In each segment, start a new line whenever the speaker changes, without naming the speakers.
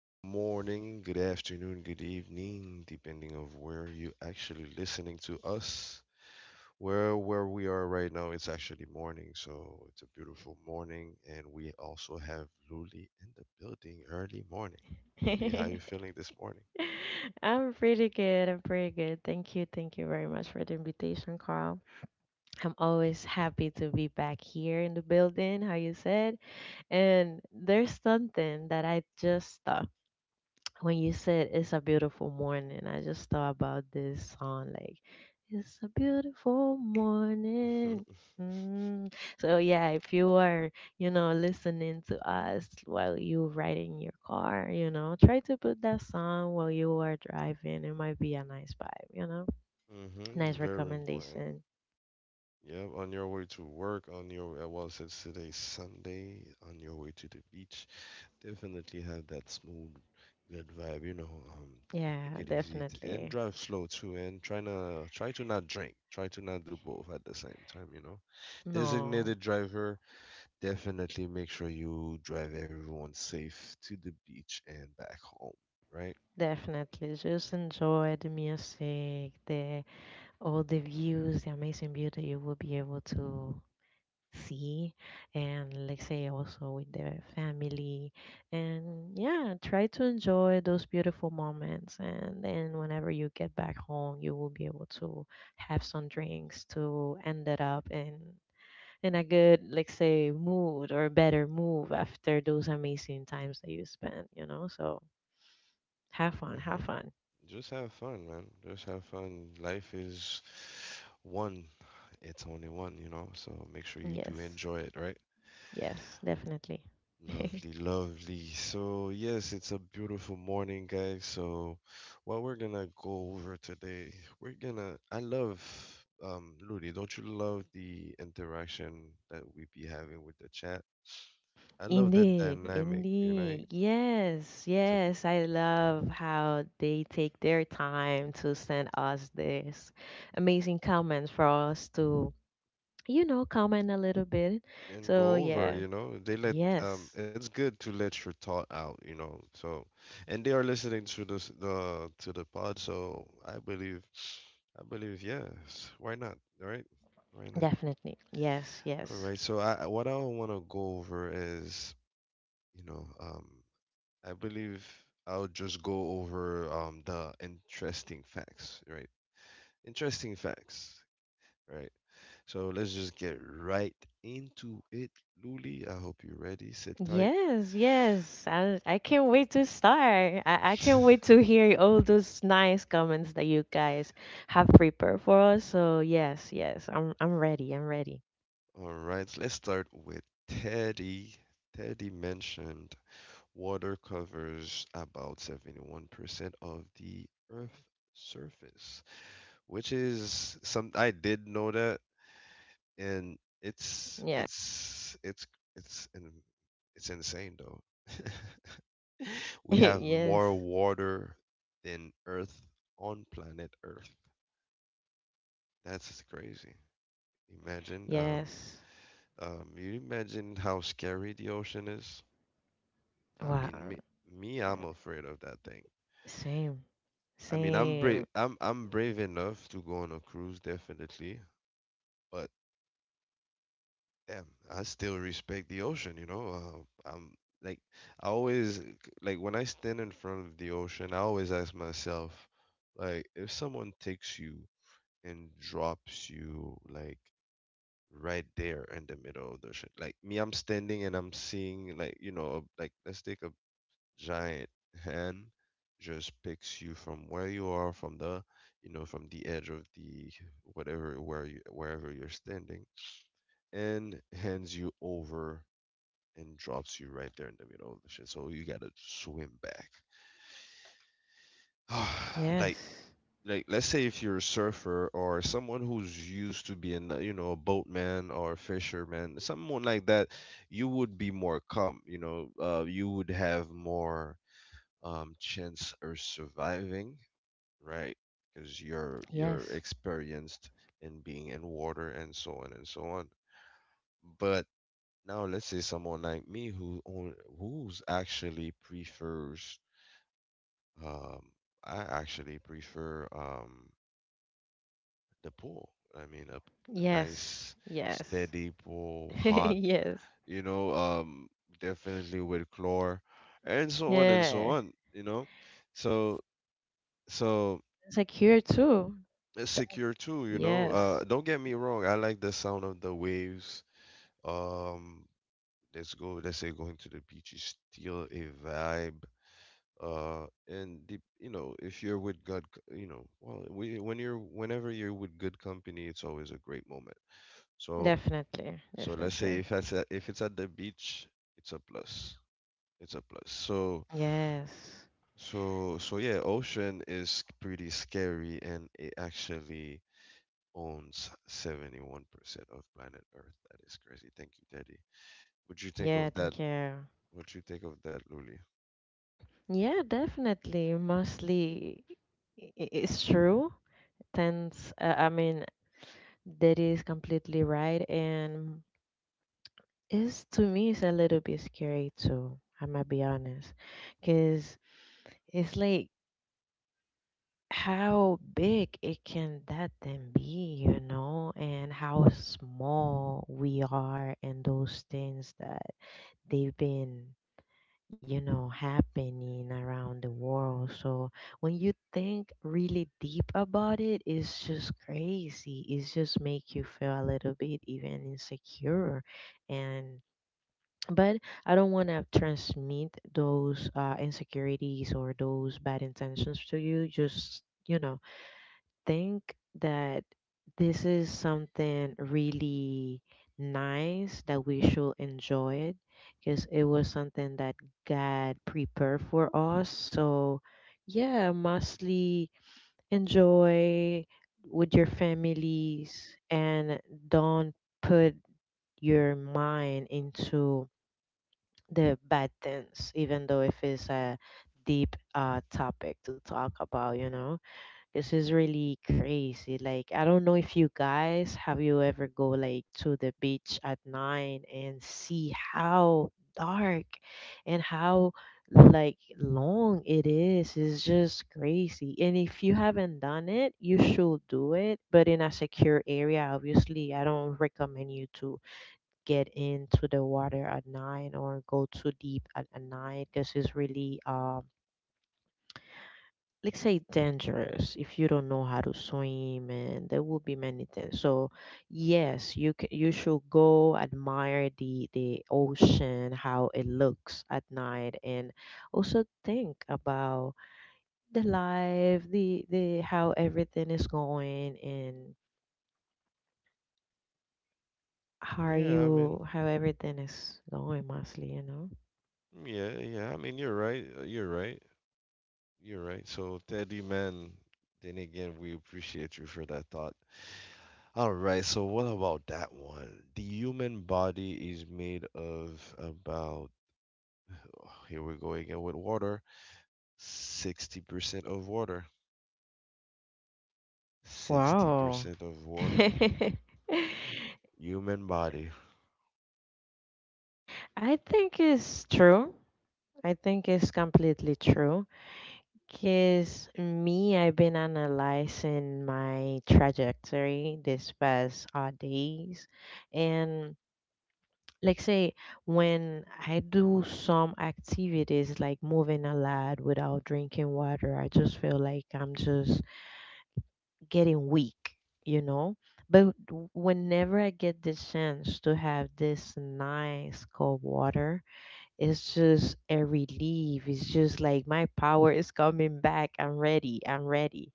Good morning, good afternoon, good evening, depending of where you actually listening to us. Where we are right now, it's actually morning, so it's a beautiful morning, and we also have Luli in the building early morning. Luli, how you feeling this morning?
I'm pretty good. Thank you. Thank you very much for the invitation, Carl. I'm always happy to be back here in the building, how you said. And there's something that I just thought when you said it's a beautiful morning, I just thought about this song like it's a beautiful morning. Mm. So yeah, if you are, listening to us while you ride in your car, try to put that song while you are driving. It might be a nice vibe,
Mm-hmm,
Nice
very important.
recommendation.
Yep, on your way to work, on your well, since today's Sunday, on your way to the beach, definitely have that smooth, good vibe. You know, take
Yeah,
it easy and
definitely.
drive slow too, and try to not drink. Try to not do both at the same time. You know,
No,
designated driver. Definitely make sure you drive everyone safe to the beach and back home. Right.
definitely. Just enjoy the music, the all the views, the amazing view that you will be able to see, and let's say also with the family, and yeah, try to enjoy those beautiful moments. And then whenever you get back home, you will be able to have some drinks to end it up in a good, let's say, mood or better move after those amazing times that you spent. So have fun,
Hmm.
have fun.
Just have fun, man. Just have fun. Life is one. It's only one. You know, so make sure you do
Yes,
enjoy it. Right.
yes, definitely.
Lovely, lovely. So, yes, it's a beautiful morning, guys. So, what we're gonna go over today, I love, Ludi, don't you love the interaction that we be having with the chat? I love that
Indeed,
dynamic, you know?
indeed. Yes,
It's a,
yes. I love how they take their time to send us this amazing comments for us to, comment a little bit.
and
So,
go over,
yeah,
you know?
yes,
It's good to let your thought out, you know? So, and they are listening to this, the, to the pod. So, I believe, yes, why not, right? Why not?
definitely. Yes,
All
yes.
right. What I want to go over is, you know, I believe I'll just go over the interesting facts, right? Interesting facts, right? So let's just get right into it, Luli. I hope you're ready. Sit tight.
Yes, yes. I can't wait to start. I can't wait to hear all those nice comments that you guys have prepared for us. So, yes, yes. I'm ready. I'm ready.
All right. Let's start with Teddy. Teddy mentioned water covers about 71% of the Earth's surface, which is some I did know that, and
Yeah.
it's in, it's insane though. We have more
Yes.
water than Earth on planet Earth. That's crazy. Imagine,
Yes.
you imagine how scary the ocean is. I
Wow.
mean, me, I'm afraid of that thing.
Same.
I mean, I'm brave.
Same.
I'm brave enough to go on a cruise, definitely. But yeah, I still respect the ocean, you know. I'm like, I always like when I stand in front of the ocean, I always ask myself, like, if someone takes you and drops you like right there in the middle of the ocean, like me, I'm standing and I'm seeing like, you know, like let's take a giant hand just picks you from where you are, from the, you know, from the edge of the whatever where you wherever you're standing, and hands you over and drops you right there in the middle of the shit. So you gotta swim back. like
Yes.
like let's say if you're a surfer or someone who's used to being you know a boatman or a fisherman, someone like that, you would be more calm. You know, you would have more chance of surviving, right? Because you're
Yes.
experienced in being in water and so on and so on. But now let's say someone like me who's actually prefers. Um, I actually prefer the pool. I mean, a
Yes.
nice,
Yes.
steady pool, hot,
Yes.
you know, definitely with chlor, and so
Yeah.
on, you know. So, so
It's like here too.
it's secure too, you know.
Yes.
Don't get me wrong, I like the sound of the waves. Um, let's say going to the beach is still a vibe, uh, and the, you know, if you're with you know well we when you're whenever you're with good company, it's always a great moment. So,
Definitely.
so let's say
Definitely.
if it's at the beach, it's a plus, it's a plus. So
Yes.
so so yeah, ocean is pretty scary and it actually owns 71% of planet earth. That is crazy. Thank you, Teddy. What you think
Yeah,
of that?
thank you.
What you think of that, Luli?
Yeah, definitely. Mostly it's true. Tends, I mean, that is completely right. And it's to me, it's a little bit scary too. I'm gonna be honest, cause it's like how big it can that then be, you know, and how small we are, and those things that they've been, you know, happening around the world. So when you think really deep about it, it's just crazy. It's just make you feel a little bit even insecure, and. But I don't want to transmit those insecurities or those bad intentions to you. Just, you know, think that this is something really nice that we should enjoy it because it was something that God prepared for us. So, yeah, mostly enjoy with your families and don't put your mind into the bad things, even though if it's a deep topic to talk about, you know. This is really crazy. Like I don't know if you guys have you ever go like to the beach at nine and see how dark and how like long it is. It's just crazy. And if you haven't done it, you should do it, but in a secure area, obviously. I don't recommend you to get into the water at night or go too deep at night because it's really let's say dangerous if you don't know how to swim and there will be many things. So yes, you should go admire the ocean how it looks at night, and also think about the life, the how everything is going, and
Yeah, I mean,
how everything is going mostly, you know.
yeah I mean you're right, you're right. You're right. So, Teddy, man, then again, we appreciate you for that thought. All right. So, what about that one? The human body is made of about, oh, here we go again with water, 60% of water.
Wow.
60% of water.
I
Human body.
think it's true. I think it's completely true. Because me, I've been analyzing my trajectory this past days. And like say, when I do some activities like moving a lot without drinking water, I just feel like I'm just getting weak, you know. But whenever I get the chance to have this nice cold water, it's just a relief. It's just like my power is coming back. I'm ready. I'm ready.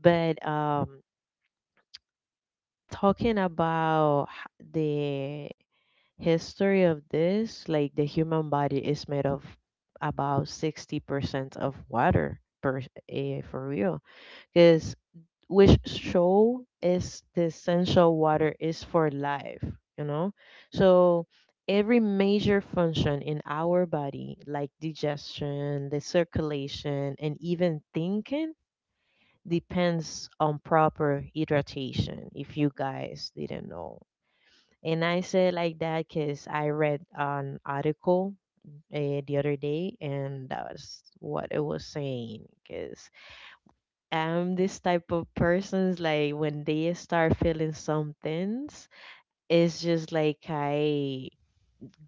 But talking about the history of this, like the human body is made of about 60% of water per, eh, for real. Because which show is the essential water is for life, you know. So every major function in our body, like digestion, the circulation, and even thinking, depends on proper hydration, if you guys didn't know. And I say it like that because I read an article the other day, and that was what it was saying. Because am this type of persons, like when they start feeling some things, it's just like I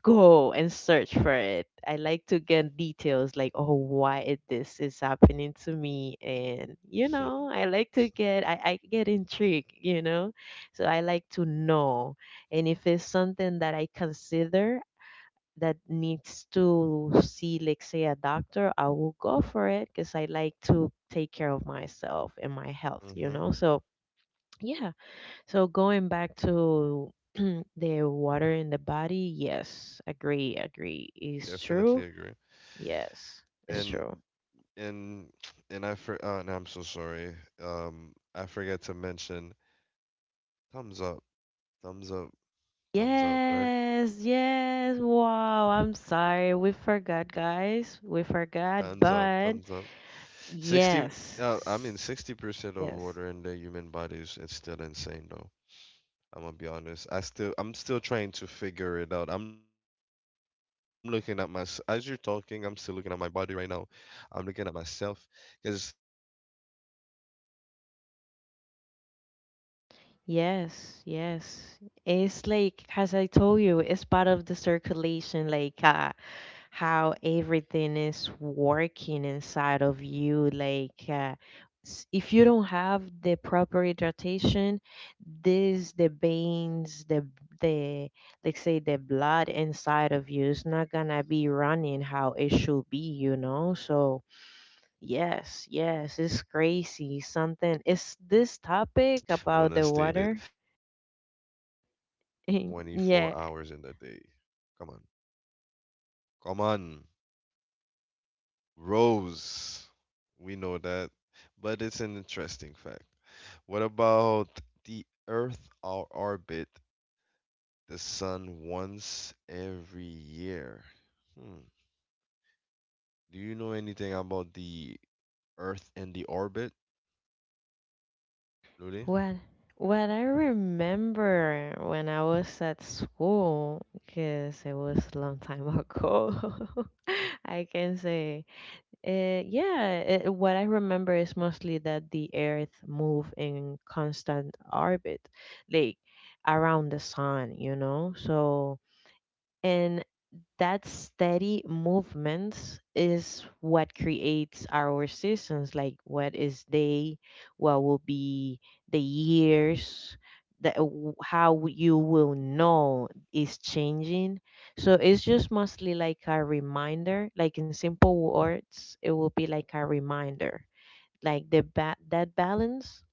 go and search for it. I like to get details, like oh why this is happening to me. And you
Mhm.
know, I like to get, I get intrigued, you know. So I like to know, and if it's something that I consider that needs to see, like, say, a doctor, I will go for it because I like to take care of myself and my health, you
Mm-hmm.
know? So, yeah. So, going back to the water in the body, yes, agree, agree. It's
Definitely
true.
agree.
Yes, it's
And
true.
and and I for and I'm so sorry. I forgot to mention thumbs up. Thumbs up. Thumbs up, right?
Yes, yes. Wow, I'm sorry. We forgot, guys. We forgot,
Thumbs up,
but
thumbs up. 60, I mean,
yes,
60% of
yes.
water in the human body is it's still insane, though. I'm gonna be honest. I'm still trying to figure it out. I'm looking at my, as you're talking, I'm still looking at my body right now. I'm looking at myself, because, because we're not, ta- we're talking about 60%. So basically, what, so
Yes, yes.
everything
It's
else
like,
is
as I told you,
divided
it's part of the
in
circulation, like
40% of the, you know,
how
everything else
everything
you have in
is
your body.
working inside of you. Like,
Yeah,
if you don't
that still
have
amazed
the
me,
proper
right? So that
hydratation,
was from Greg. Thank you,
the
Greg, man.
veins,
Thumbs up,
the,
right?
like say, the
Thumbs
blood
up.
inside of you
So,
is not gonna be running how
uh,
it should be, you know?
that one is
So,
funny. I just want to state
yes,
it,
yes,
but
it's
we're just gonna go
crazy.
right
Something, is
after to
this
the other one.
topic about the
Um,
water?
there are 24 hours in the day.
Yeah.
Come on, come on, Rose. We know that, but it's an interesting fact. What about the Earth or orbit the sun once every year? Hmm. Do you know anything about the Earth and the orbit, Ludi?
What what I remember when I was at school, because it was a long time ago, I can say, yeah. It, what I remember is mostly that the Earth move in constant orbit, like around the sun, you know. So, and. That steady movements is what creates our seasons, like what is day, what will be the years, that how you will know is changing. So
Mm-hmm.
it's just mostly like a reminder, like in simple words it will be like a reminder, like that balance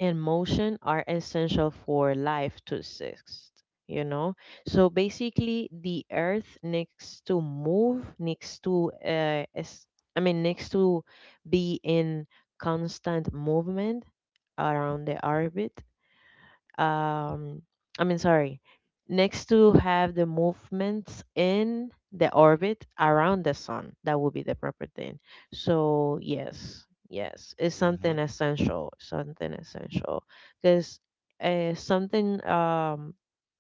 and motion are essential for life to exist, you know. So basically the Earth needs to move, needs to I mean needs to be in constant movement around the orbit, um I mean sorry, next to have the movements in the orbit around the sun, that would be the proper thing. So yes, yes, it's
Mm-hmm.
something essential, something essential. Because something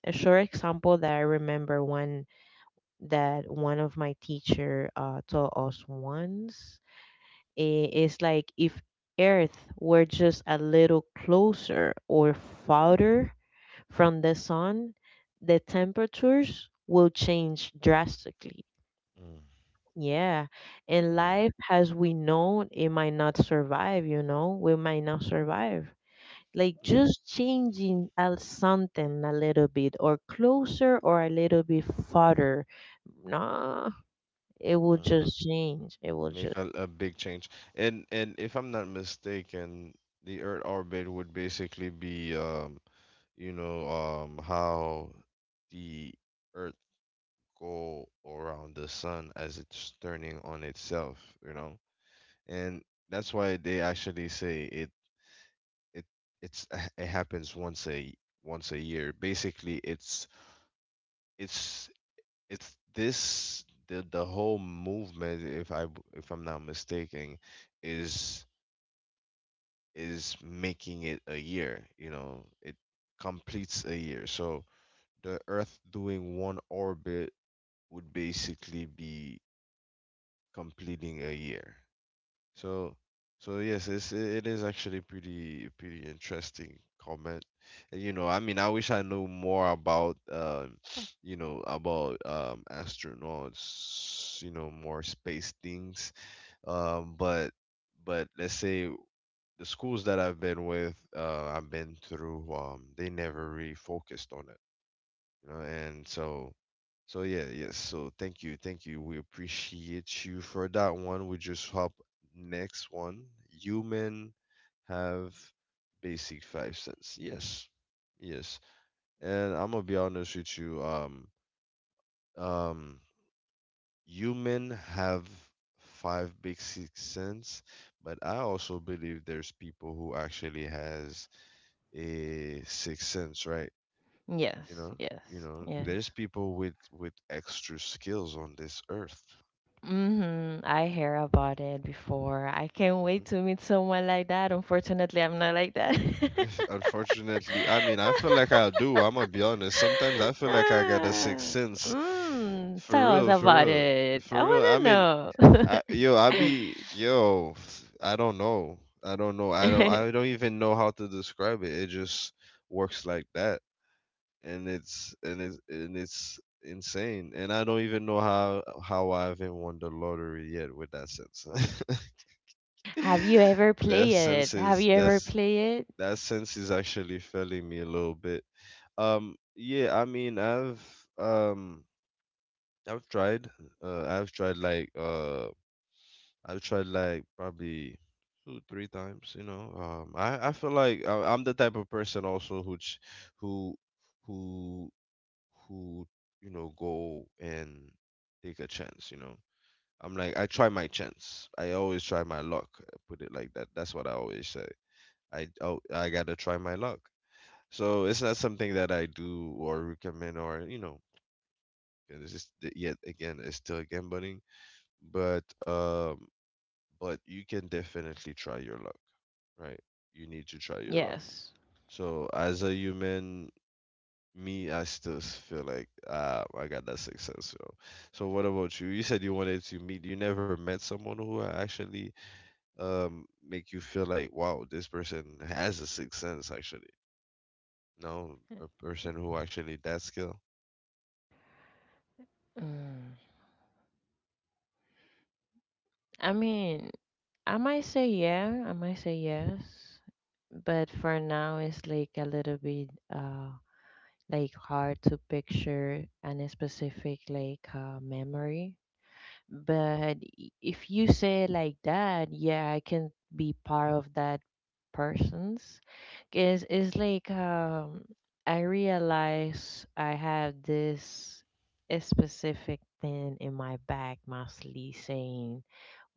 a short example that I remember, one that one of my teacher taught us once is like if Earth were just a little closer or farther from the sun, the temperatures will change drastically. Yeah. And life as we know, it might not survive, you know, we might not survive. Like just changing a something a little bit or closer or a little bit farther. Nah, it will
Mm-hmm.
just change. It will just.
Make a big change. And if I'm not mistaken, the Earth orbit would basically be you know, how the Earth go around the sun as it's turning on itself, you know? And that's why they actually say it it it's it happens once a once a year. Basically, it's it's this the whole movement. If I'm not mistaken, is is making it a year. You know, it completes a year. So the Earth doing one orbit would basically be completing a year. So, so yes, it's it is actually pretty pretty interesting comment. And, you know, I mean, I wish I knew more about you know, about astronauts, you know, more space things. Um, but but let's say the schools that I've been through, they never really focused on, you know, and so so yeah yes so thank you, thank you, we appreciate you for that one. We just hop next one. Human have basic five cents. Yes, yes. And I'm gonna be honest with you, um human have five basic cents, but I also believe there's people who actually has a sixth sense, right? You
Yes,
know, you
yes,
know
yes.
there's people with extra skills on this earth.
Mhm. I hear about it before. I can't wait
Mhm.
to meet someone like that. Unfortunately, I'm not like that.
Unfortunately, I mean, I feel like I do. I'm gonna be honest. Sometimes I feel like I got a sixth
Ah,
sense.
mm,
For
tell us
real, for
about
real,
it. I
for real. I mean,
want
I,
to
yo, I be yo. I don't know. I don't know. I don't.
know.
I don't even know how to describe it. It just works like that. And it's insane. And I don't even know how I haven't won the lottery yet with that sense.
Have you ever
that
played
sense
it? Have
is
you ever
that's
played it?
that sense is actually failing me a little bit. Yeah, I mean, um, I've tried, uh, I've tried like uh, I've tried like probably two, three times. You know, I feel like I'm the type of person also who ch- who who who you know go and take a chance, you know? I'm like, I try my chance, I always try my luck, put it like that, that's what I always say. I gotta try my luck. So it's not something that I do or recommend, or, you know. And it's just yet again, it's still gambling, but um, but you can definitely try your luck, right? You need to try your luck.
Yes.
So as a human, me, I still feel like I got that successful. So what about you? You said you wanted to meet. You never met someone who actually make you feel like, wow, this person has a sixth sense. Actually, no, a person who actually that skill.
Mm. I mean, I might say yeah. I might say yes. But for now, it's like a little bit like hard to picture any specific like memory. But if you say it like that, yeah, I can be part of that person's. Cause it's like I realize I have this a specific thing in my back, mostly saying,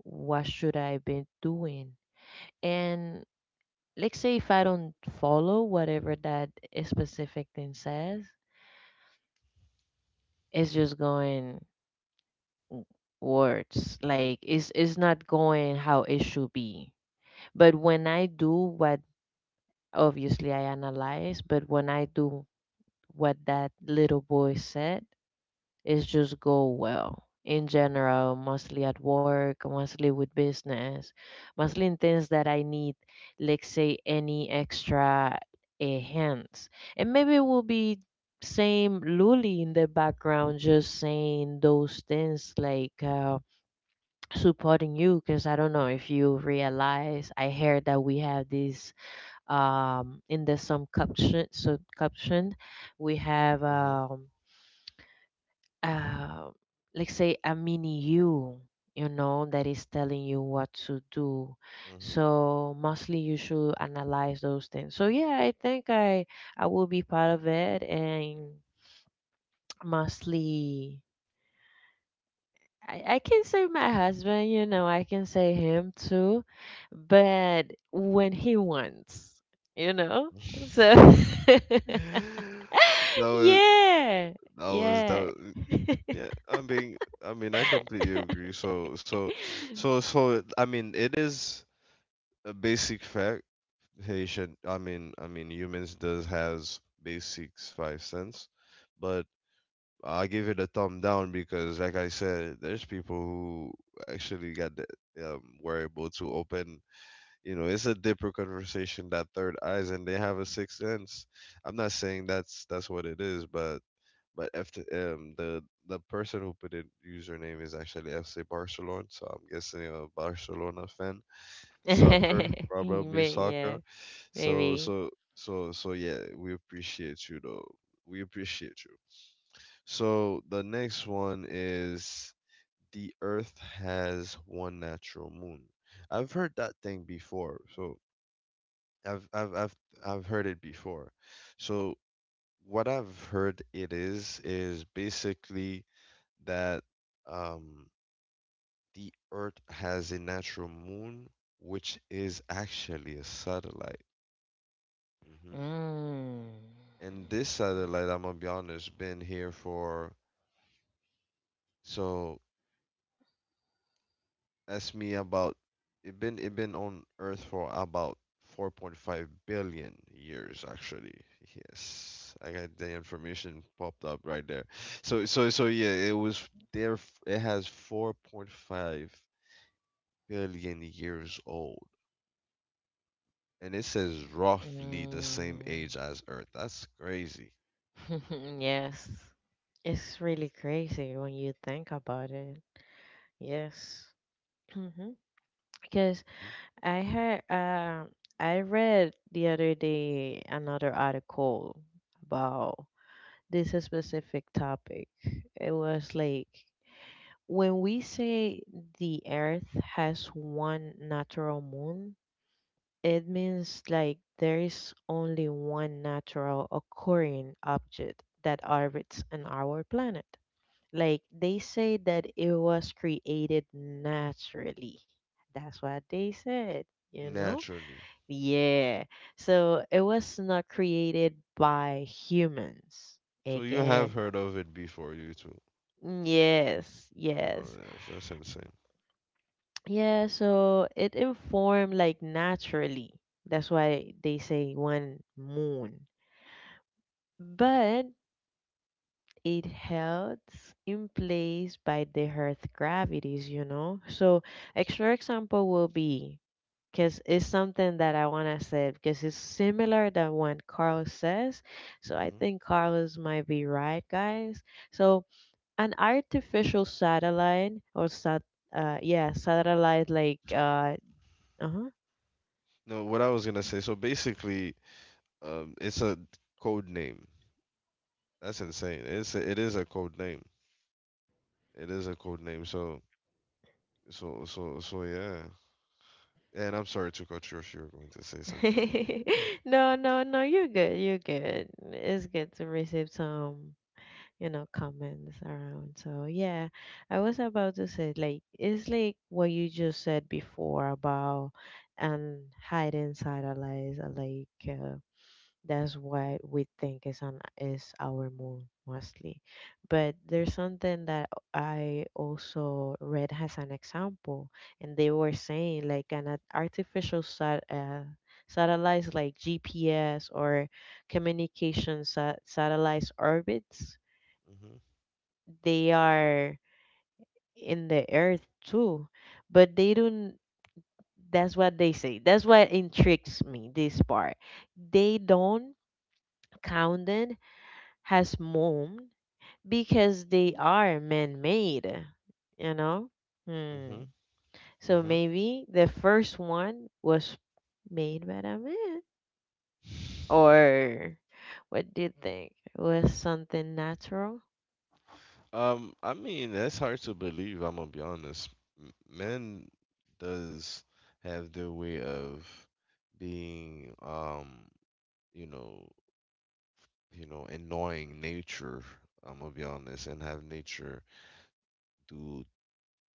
"What should I be doing?" And let's say if I don't follow whatever that specific thing says, it's just going w- words like it's not going how it should be. But when I do what, obviously I analyze, but when I do what that little boy said, it's just go well in general, mostly at work, mostly with business, mostly in things that I need, like say any extra hands. And maybe it will be same Luli in the background just saying those things like supporting you, because I don't know if you realize I heard that we have this in the some caption, so caption we have
Hmm.
uh, let's say a mini you, you know, that is telling you what to do.
Hmm.
So mostly you should analyze those things. So yeah, I think I will be part of it. And mostly, I can say my husband, you know, I can say him too, but when he wants, you know. So
That was
yeah
that was that.
yeah.
Was, yeah, I mean, I completely agree. So so so so. I mean, it is a basic fact. Haitian, I mean, humans does has basics five cents, but I give it a thumb down because, like I said, there's people who actually got the, were able to open. You know, it's a deeper conversation, that third eyes, and they have a sixth sense. I'm not saying that's what it is, but but if the person who put in username is actually FC Barcelona, so I'm guessing a Barcelona fan, soccer, probably
Mm, yeah,
soccer. So
maybe.
so so so yeah, we appreciate you though. We appreciate you. So the next one is the Earth has one natural moon. I've heard that thing before. So I've I've I've I've heard it before. So what I've heard it is basically that um the Earth has a natural moon which is actually a satellite. Mm-hmm.
Mm.
And this satellite, I'm gonna be honest, been here for so ask me about it been on Earth for about 4.5 billion years actually. Yes, I got the information popped up right there. So yeah, it was there. It has 4.5 billion years old, and it says roughly the same
Mm.
age as Earth. That's crazy.
Yes. It's really crazy when you think about it. Yes. Mm-hmm. Because
Mhm.
I heard, I read the other day another article about this specific topic. It was like when we say the Earth has one natural moon, it means like there is only one natural occurring object that orbits on our planet. Like they say that it was created naturally. That's what they said, you know?
Naturally.
Yeah. So it was not created by humans.
So you have
Again,
heard of it before, you two.
yes,
Oh,
yes.
yes, that's insane.
Yeah, so it informed like naturally. That's why they say one moon, but it holds in place by the Earth's gravities, you know. So extra example will be, because it's something that I wanna say because it's similar than what Carlos says. So I
Hmm.
think Carlos might be right, guys. So an artificial satellite or sat yeah satellite like
So,
uh. Uh-huh.
no, what I was gonna say. So basically, it's a code name. That's insane. It is a code name. It is a code name. So yeah. And I'm sorry to cut you off. You were going to say something.
No no no, you're good, you're good. It's good to receive some, you know, comments around. So yeah, I was about to say like it's like what you just said before about and hiding side allies are like that's what we think is on is our moon mostly. But there's something that I also read as an example, and they were saying like an artificial satellites like GPS or communication satellites orbits.
Hmm.
They are in the Earth too, but they don't. That's what they say. That's what intrigues me. This part, they don't count it as moon because they are man-made. You know.
Hmm.
Hmm. So
Hmm.
maybe the first one was made by a man, or what do you think? Was something natural?
I mean, that's hard to believe. I'm gonna be honest. Men does have their way of being, you know, you know, annoying nature. I'm gonna be honest, and have nature do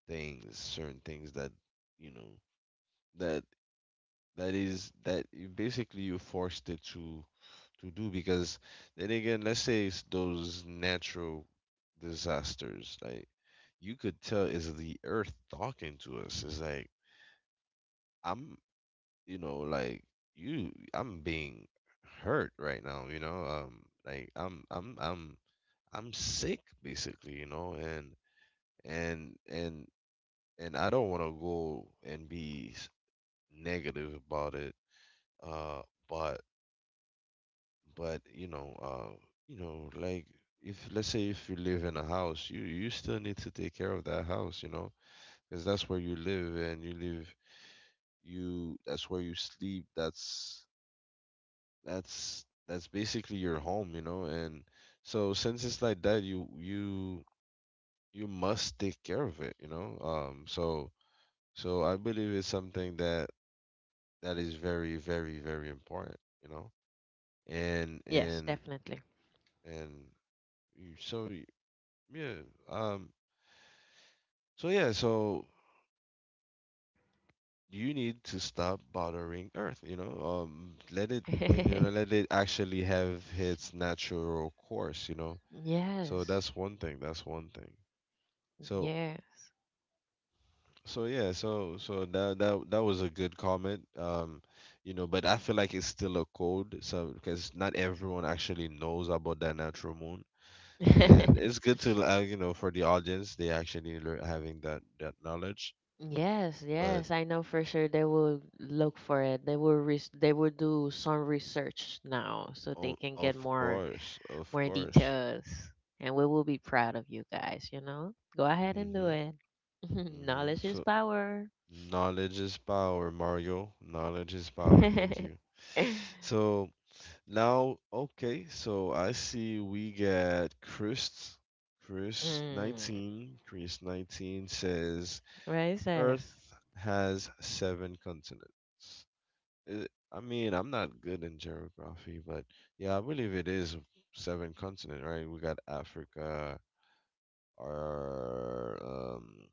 things, certain things that you know that is that you basically you forced it to do because then again, let's say it's those natural disasters, like you could tell is the earth talking to us. It's like I'm, you know, like you, I'm being hurt right now. You know, like I'm sick basically, you know, and and and and I don't want to go and be negative about it. Uh, but but you know, uh, you know, like if let's say if you live in a house, you still need to take care of that house, you know, because that's where you live and you live you that's where you sleep. That's basically your home, you know, and so since it's like that, you must take care of it, you know. So I believe it's something that is very very very important, you know. And
Yes,
and
definitely.
and you, yeah, um, so yeah, so you need to stop bothering Earth, you know. Let it let you know let it actually have its natural course, you know. So
Yes.
that's one thing. That's one thing. So
Yes.
so yeah, that that was a good comment. You know, but I feel like it's still a code, so because not everyone actually knows about that natural moon, and it's good to you know, for the audience, they actually lear having that knowledge.
Yes,
But
yes, I know for sure they will look for it. They will they will do some research now so they
o
can get
of
more
course, of
more
course.
details. And we will be proud of you guys, you know? Go ahead and do
Mm-hmm.
it.
Mm-hmm.
Knowledge is
So
power.
knowledge is power, Mario. Knowledge is power. Thank
Mm,
you. So now, okay, so I see we get Chris. Chris 19. Chris 19 says
right, sis.
Earth has seven continents. Uh, I mean, I'm not good in geography, but yeah, I believe it is seven continent, right? We got Africa, our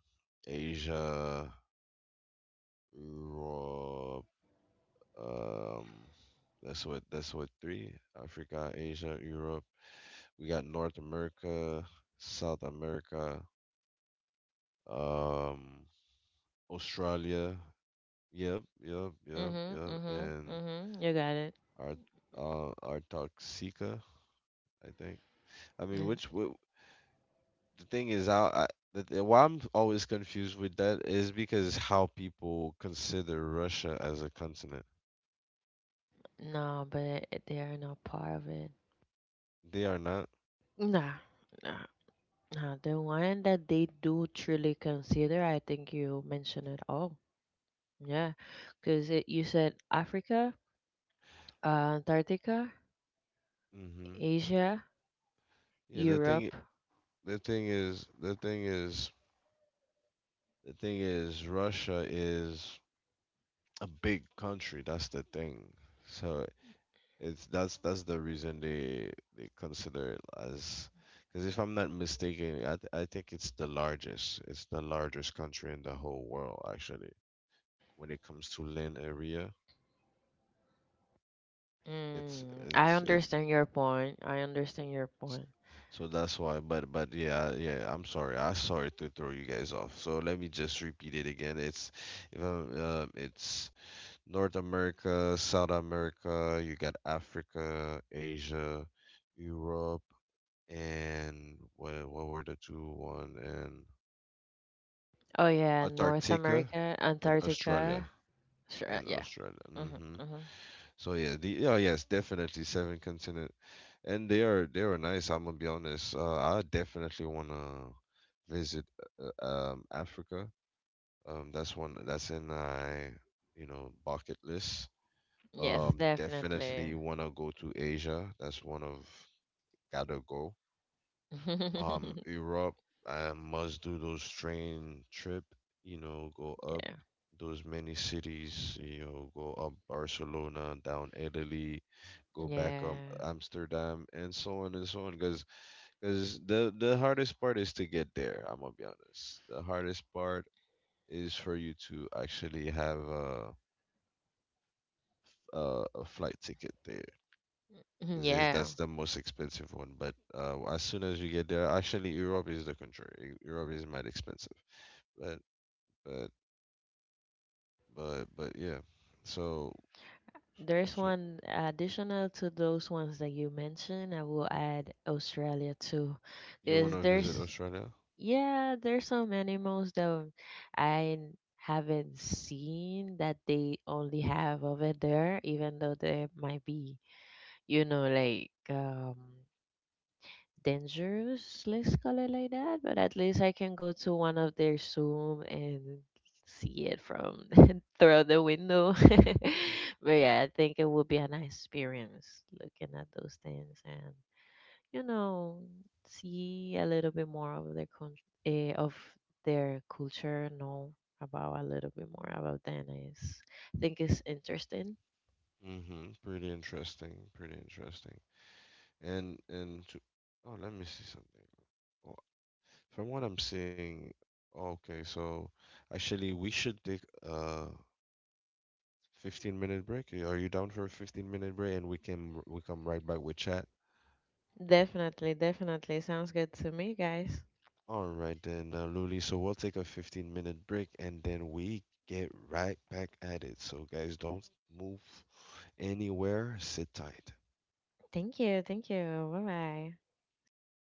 Asia, Europe. Um, that's what three: Africa, Asia, Europe. We got North America, South America, um, Australia. Yep, yep, yep,
Mhm,
yep.
mhm,
And
mhm. You got it.
our our Toxica, I think. I mean,
N-
the thing is, I why I'm always confused with that is because how people consider Russia as a continent.
No, but they are not part of it.
They are not.
Nah, nah. The one that they do truly consider, I think you mentioned it all. Yeah, because you said Africa, Antarctica,
Hmm.
Asia,
Yeah,
Europe.
the thing is, the thing is, the thing is, Russia is a big country. That's the thing. So it's that's the reason they consider it as, because if I'm not mistaken, I think it's the largest. It's the largest country in the whole world actually. When it comes to land area, it's
Mm, I
it's it's.
understand your point. I understand your
s-
point.
so that's why, but yeah, yeah. I'm sorry. I sorry to throw you guys off. So let me just repeat it again. It's if I'm, it's North America, South America, you got Africa, Asia, Europe, and what were the two one and
Oh yeah, North
Antarctica
America,
and Australia
Antarctica. Sure.
and
Yeah.
Australia. Hmm.
Mm-hmm, mm-hmm.
So yeah, the yeah, yes, definitely seven continent, and they are nice. I'm gonna be honest. I definitely wanna visit uh, Africa. That's one, that's in my bucket list.
Yes, definitely.
Definitely want to go to Asia. That's one of gotta go. Europe, I must do those train trip. You know, go up
Yeah.
those many cities. You know, go up Barcelona, down Italy, go back up
Yeah.
Amsterdam, and so on and so on. Because the hardest part is to get there. I'm gonna be honest. The hardest part is for you to actually have a flight ticket there. 'Cause
Yeah.
that's the most expensive one. But as soon as you get there, actually, Europe is the contrary. Europe is mad expensive. But but yeah. So
There's
so
one additional to those ones that you mentioned. I will add Australia too,
you want
because
to visit
there's
Australia?
yeah, there's some animals that I haven't seen that they only have over there, even though they might be, you know, like dangerous, let's call it like that, but at least I can go to one of their Zoom and see it from through the window. But yeah, I think it would be a nice experience looking at those things and, you know, see a little bit more of their con- eh, of their culture, know about a little bit more about them. Is I think it's interesting.
Mm-hmm. Pretty interesting. Pretty interesting. And to, oh, let me see something. Oh, from what I'm seeing, okay. So actually, we should take a 15-minute minute break. Are you down for a 15-minute minute break? And we come right back with chat.
Definitely, definitely sounds good to me, guys.
All right then, Luli. So we'll take a 15-minute minute break and then we get right back at it. So guys, don't move anywhere. Sit tight.
Thank you. Thank you. Bye bye. See you in a